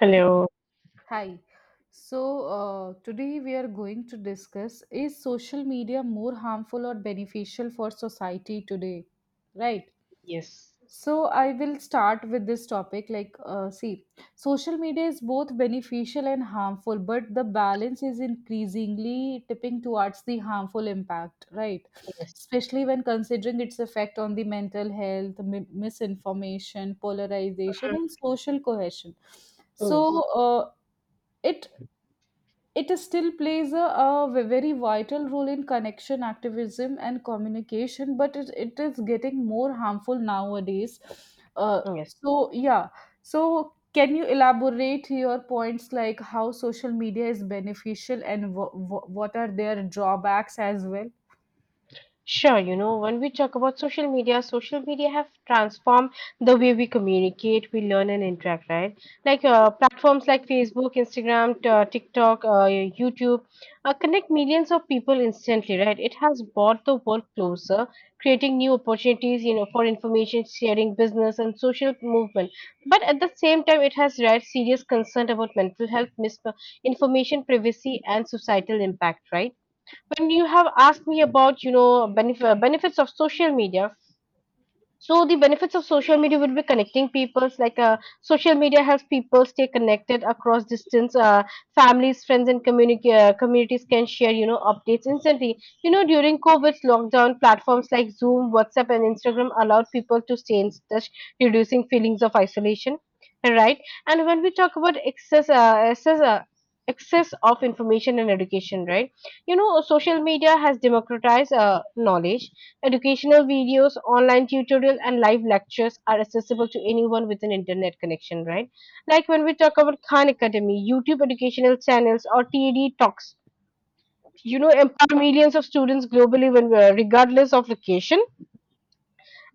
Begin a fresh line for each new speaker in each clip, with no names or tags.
Hello.
Hi. So, today we are going to discuss is social media more harmful or beneficial for society today? Right.
Yes.
So, I will start with this topic. Like, see, social media is both beneficial and harmful, but the balance is increasingly tipping towards the harmful impact, right?
Yes.
Especially when considering its effect on the mental health, misinformation, polarization, and
Mhm.
social cohesion. So,
Yes.
uh, it it is still plays a very vital role in connection, activism, and communication, but it is getting more harmful nowadays.
Yes.
Yeah. So, can you elaborate your points like how social media is beneficial and what are their drawbacks as well?
Sure, you know, when we talk about social media have transformed the way we communicate, we learn and interact, right? Like platforms like Facebook, Instagram, TikTok, YouTube connect millions of people instantly, right? It has brought the world closer, creating new opportunities, you know, for information sharing, business and social movement. But at the same time, it has raised serious concern about mental health, misinformation, privacy and societal impact, right? When you have asked me about benefits of social media, so the benefits of social media would be connecting peoples. Like social media helps people stay connected across distance. Families, friends, and communities can share, you know, updates instantly. You know, during COVID's lockdown, platforms like Zoom, WhatsApp, and Instagram allowed people to stay in touch, reducing feelings of isolation. Right. And when we talk about excess of information and education, right? You know, social media has democratized knowledge. Educational videos, online tutorials, and live lectures are accessible to anyone with an internet connection, right? Like when we talk about Khan Academy, YouTube educational channels, or TED Talks, you know, empower millions of students globally when we are, regardless of location.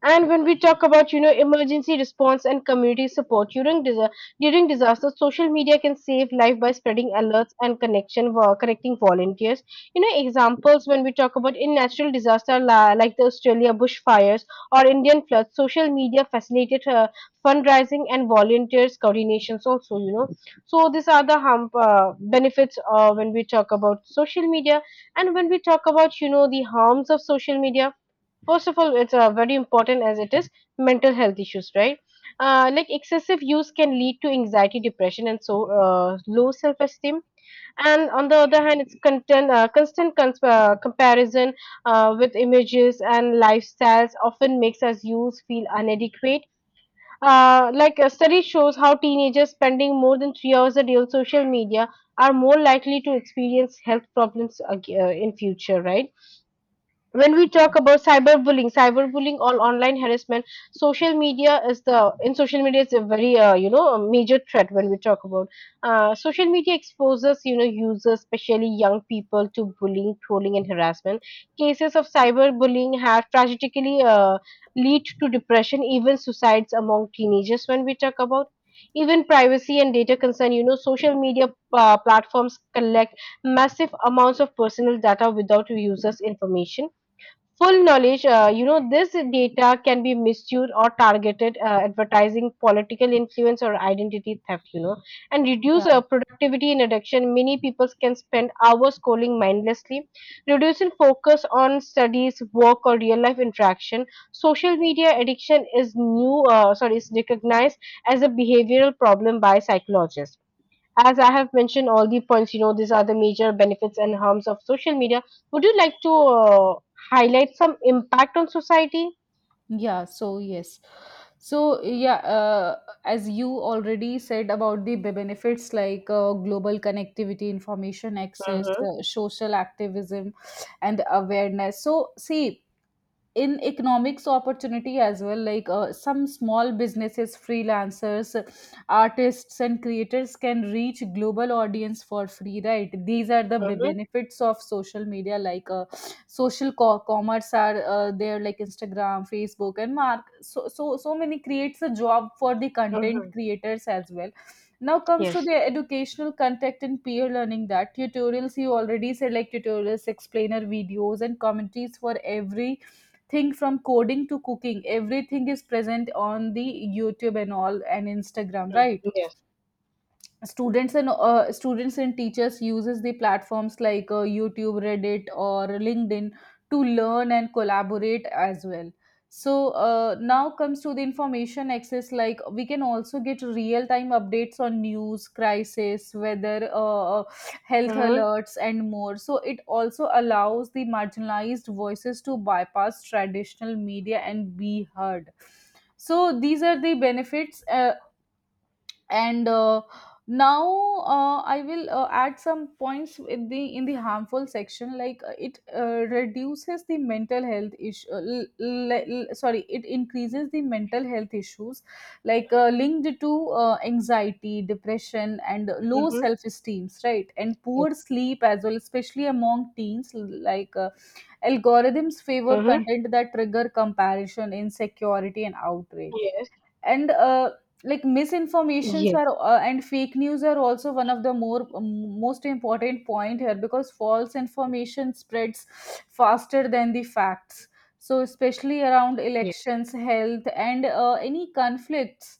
And when we talk about, you know, emergency response and community support during during disasters, social media can save life by spreading alerts and connecting volunteers. You know, examples when we talk about in natural disaster, like the Australia bushfires or Indian floods, social media facilitated fundraising and volunteers coordinations also. You know, so these are the benefits when we talk about social media. And when we talk about, you know, the harms of social media, first of all, it's very important, as it is mental health issues, right? Like excessive use can lead to anxiety, depression, and low self-esteem. And on the other hand, it's constant comparison with images and lifestyles, often makes us use feel inadequate. Like a study shows how teenagers spending more than 3 hours a day on social media are more likely to experience health problems in future, right? When we talk about cyberbullying or online harassment, social media is a very you know a major threat. When we talk about social media exposes, you know, users, especially young people, to bullying, trolling and harassment. Cases of cyberbullying have tragically lead to depression, even suicides among teenagers. When we talk about even privacy and data concern, you know, social media platforms collect massive amounts of personal data without users information full knowledge. You know, this data can be misused or targeted advertising, political influence or identity theft, you know. And
Yeah.
reduce productivity in addiction, many people can spend hours scrolling mindlessly, reducing focus on studies, work or real life interaction. Social media addiction is new sorry is recognized as a behavioral problem by psychologists. As I have mentioned all the points, you know, these are the major benefits and harms of social media. Would you like to highlight some impact on society?
Yes. So, as you already said about the benefits like global connectivity, information access,
Mm-hmm.
social activism, and awareness. So see, in economics opportunity as well, like some small businesses, freelancers, artists and creators can reach global audience for free, right? These are the
Mm-hmm.
benefits of social media. Like social commerce are there, like Instagram, Facebook, and mark. So, many creates a job for the content
Mm-hmm.
creators as well. Now comes to
Yes.
the educational contact and peer learning, that tutorials you already said, like tutorials, explainer videos and commentaries for every thing from coding to cooking, everything is present on the YouTube and all and Instagram,
Mm.
right?
Yes.
Students and teachers uses the platforms like YouTube, Reddit or LinkedIn to learn and collaborate as well. So, now comes to the information access. Like we can also get real time updates on news, crisis, weather, health
Mm-hmm.
alerts and more. So it also allows the marginalized voices to bypass traditional media and be heard. So these are the benefits. And Now I will add some points in the harmful section. Like it reduces the mental health issue, sorry, it increases the mental health issues, like linked to anxiety, depression and low
Mm-hmm.
self esteem, right? And
Yes.
poor sleep as well, especially among teens. Like algorithms favor
Mm-hmm.
content that trigger comparison, insecurity and outrage.
Yes.
And uh, like misinformations
Yes.
are and fake news are also one of the more most important point here, because false information spreads faster than the facts. So especially around
Yes.
elections, health and any conflicts.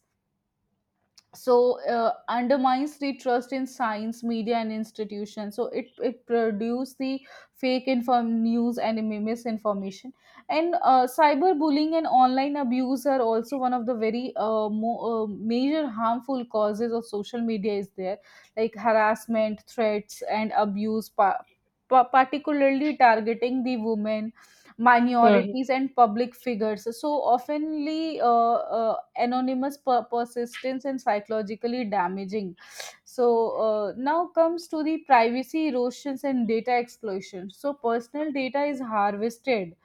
So, undermines the trust in science, media and institutions. So it produces the fake inform news and misinformation. And cyberbullying and online abuse are also one of the very major harmful causes of social media is there, like harassment, threats and abuse, particularly targeting the women,
Mhm.
minorities and public figures. So oftenly, anonymous, persistence and psychologically damaging. So, now comes to the privacy erosions and data exploitation. So personal data is harvested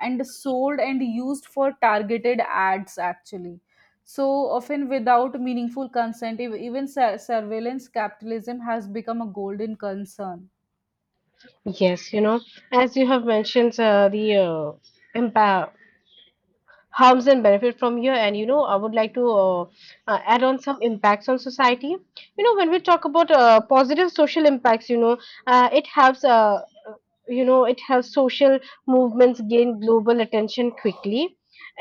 and sold and used for targeted ads actually. So often without meaningful consent, even surveillance capitalism has become a golden concern.
Yes, you know, as you have mentioned, the impact, harms and benefit from here. And you know, I would like to add on some impacts on society. You know, when we talk about positive social impacts, you know, uh, it helps uh, it has social movements gain global attention quickly,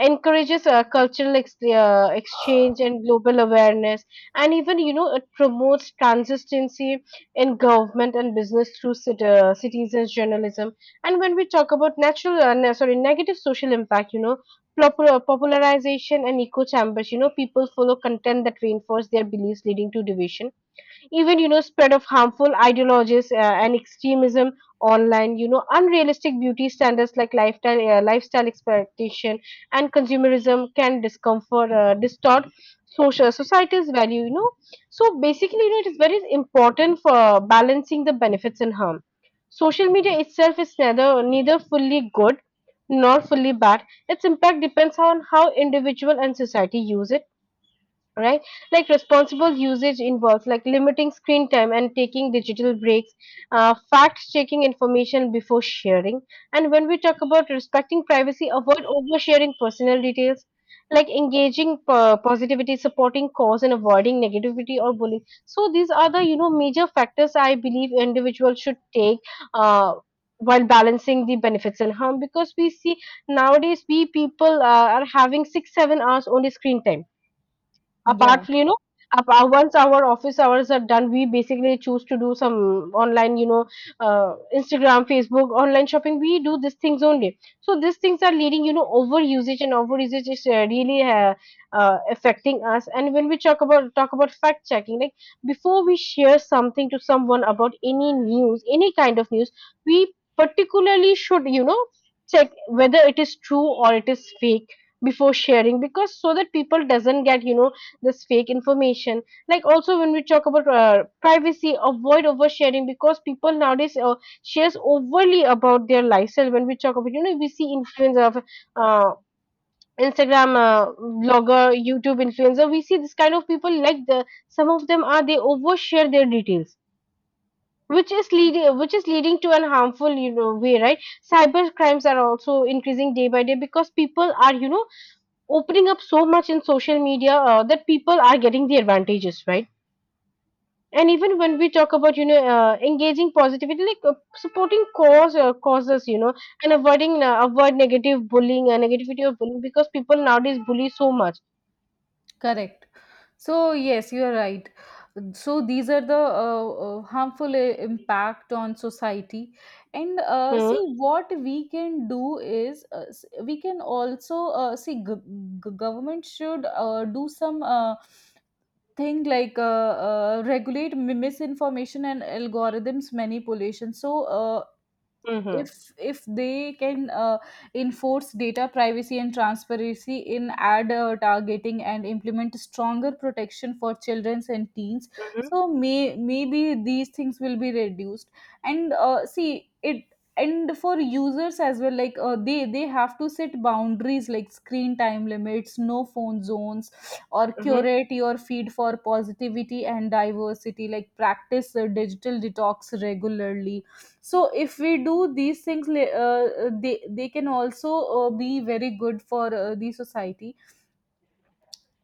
encourages cultural exchange and global awareness. And even, you know, it promotes consistency in government and business through citizens journalism. And when we talk about natural ne- sorry negative social impact, you know, popularization and echo chambers, you know, people follow content that reinforce their beliefs, leading to division. Even, you know, spread of harmful ideologies and extremism online, you know, unrealistic beauty standards, like lifestyle expectation and consumerism can discomfort distort social society's value, you know. So basically, you know, it is very important for balancing the benefits and harm. Social media itself is neither fully good nor fully bad. Its impact depends on how individual and society use it, right? Like responsible usage involves like limiting screen time and taking digital breaks, fact checking information before sharing. And when we talk about respecting privacy, avoid oversharing personal details, like engaging positivity, supporting cause, and avoiding negativity or bullying. So these are the, you know, major factors I believe individuals should take. Uh, while balancing the benefits and harm, because we see nowadays, we people are having 6-7 hours only screen time.
Yeah.
Apart from, you know, apart, once our office hours are done, we basically choose to do some online, you know, Instagram, Facebook, online shopping. We do these things only. So these things are leading, you know, over usage, and over usage is really affecting us. And when we talk about fact checking, like, before we share something to someone about any news, any kind of news, we particularly should, you know, check whether it is true or it is fake before sharing, because so that people doesn't get, you know, this fake information. Like, also when we talk about privacy, avoid oversharing, because people nowadays shares overly about their lifestyle. When we talk about, you know, we see influence of uh, Instagram blogger, YouTube influencer, we see this kind of people. Like, the some of them are, they overshare their details, which is leading to an harmful, you know, way, right? Cyber crimes are also increasing day by day because people are, you know, opening up so much in social media that people are getting the advantages, right? And even when we talk about, you know, engaging positivity, like supporting causes, you know, and avoid negative bullying and negativity of bullying, because people nowadays bully so much.
Correct. So, yes, you are right. So, these are the harmful impact on society. And
Hmm.
see, what we can do is we can also see, government should do some thing like regulate misinformation and algorithms manipulation. So,
Hmm.
if they can enforce data privacy and transparency in ad targeting and implement stronger protection for children and teens.
Hmm.
So maybe these things will be reduced. And see it. And for users as well, like they have to set boundaries, like screen time limits, no phone zones, or
Hmm.
curate your feed for positivity and diversity, like practice digital detox regularly. So if we do these things, they can also be very good for the society.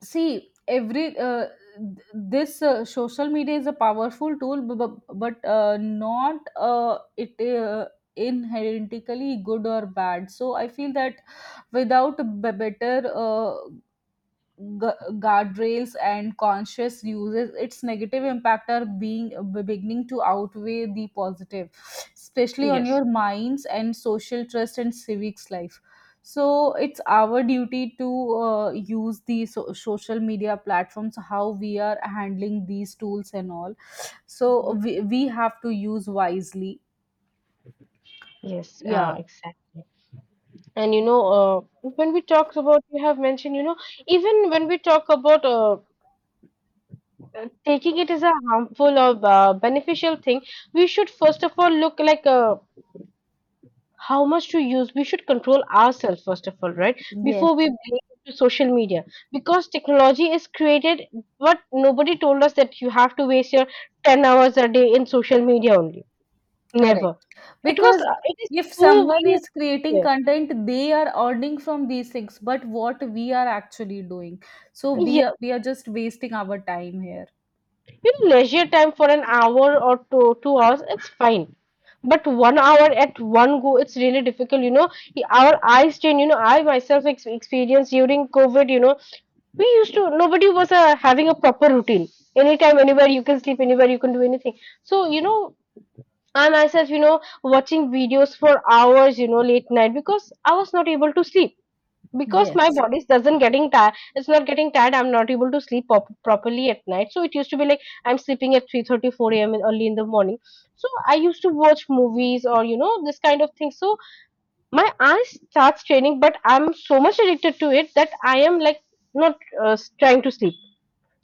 See every this social media is a powerful tool, but not it inherently good or bad. So I feel that without a better gu- guardrails and conscious uses, its negative impact are being beginning to outweigh the positive, especially on
Yes.
your minds and social trust and civics life. So it's our duty to use the social media platforms, how we are handling these tools and all.
Hmm.
So we have to use wisely.
Yes,
Yeah.
exactly. And you know, when we talk about, you have mentioned, you know, even when we talk about taking it as a harmful or beneficial thing, we should first of all look like, how much to use, we should control ourselves first of all, right,
Yes.
before we blame to social media, because technology is created, but nobody told us that you have to waste your 10 hours a day in social media only.
Correct.
Never. It was,
Because
it is
if
too
someone
weird.
is creating content, they are earning from these things, but what we are actually doing. So
Yeah.
we are just wasting our time here.
Leisure time for an hour or two, 2 hours, it's fine. But 1 hour at one go, it's really difficult. You know, our eyes strain. You know, I myself experienced during COVID. You know, we used to, nobody was having a proper routine. Anytime, anywhere you can sleep, anywhere you can do anything. So you know, I myself, you know, watching videos for hours. You know, late night, because I was not able to sleep, because my
Yes.
body doesn't getting tired, it's not getting tired, I'm not able to sleep properly at night. So it used to be like I'm sleeping at 3:30, 4 a.m., early in the morning. So I used to watch movies or, you know, this kind of thing. So my eyes starts straining, but I'm so much addicted to it that I am like not, uh, trying to sleep.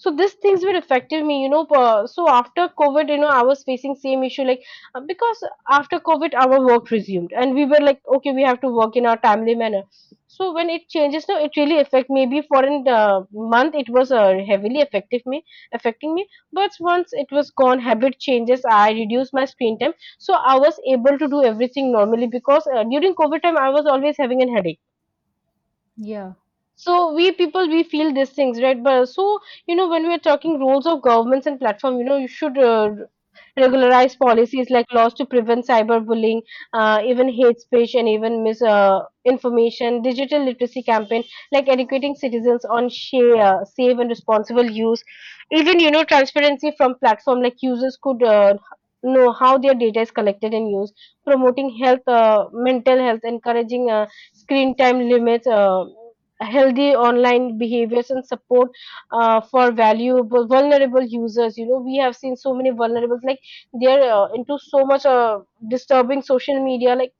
So these things were affecting me, you know, so after COVID, you know, I was facing same issue, like because after COVID, our work resumed and we were like, okay, we have to work in our timely manner. So when it changes now, it really affect maybe for a month. It was heavily affecting me. But once it was gone, habit changes, I reduced my screen time. So I was able to do everything normally, because during COVID time I was always having a headache.
Yeah,
So we people, we feel these things, right? But so, you know, when we are talking roles of governments and platform, you know, you should regularize policies like laws to prevent cyberbullying, even hate speech and even misinformation, information, digital literacy campaign, like educating citizens on share, safe and responsible use. Even, you know, transparency from platform, like users could know how their data is collected and used. Promoting health mental health, encouraging screen time limits, healthy online behaviors and support for valuable vulnerable users. You know, we have seen so many vulnerables like they're into so much disturbing social media. Like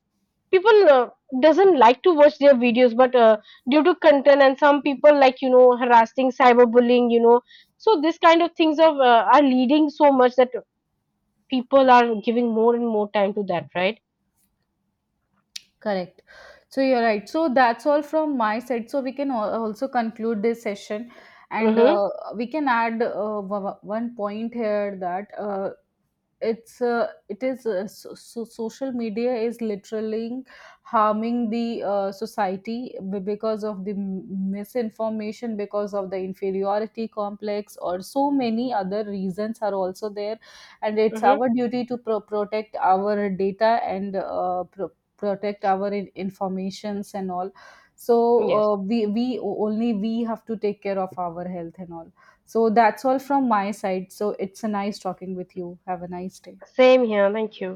people doesn't like to watch their videos, but due to content and some people like, you know, harassing, cyberbullying, you know. So this kind of things of are leading so much that people are giving more and more time to that, right?
correct. So you're right. So that's all from my side. So we can also conclude this session, and
Mm-hmm.
we can add one point here that it is so social media is literally harming the society, because of the misinformation, because of the inferiority complex, or so many other reasons are also there. And it's
Mm-hmm.
our duty to protect our data and protect our informations and all. so
Yes.
uh, we we only we have to take care of our health and all. So that's all from my side. So it's a nice talking with you. Have a nice day.
Same here, thank you.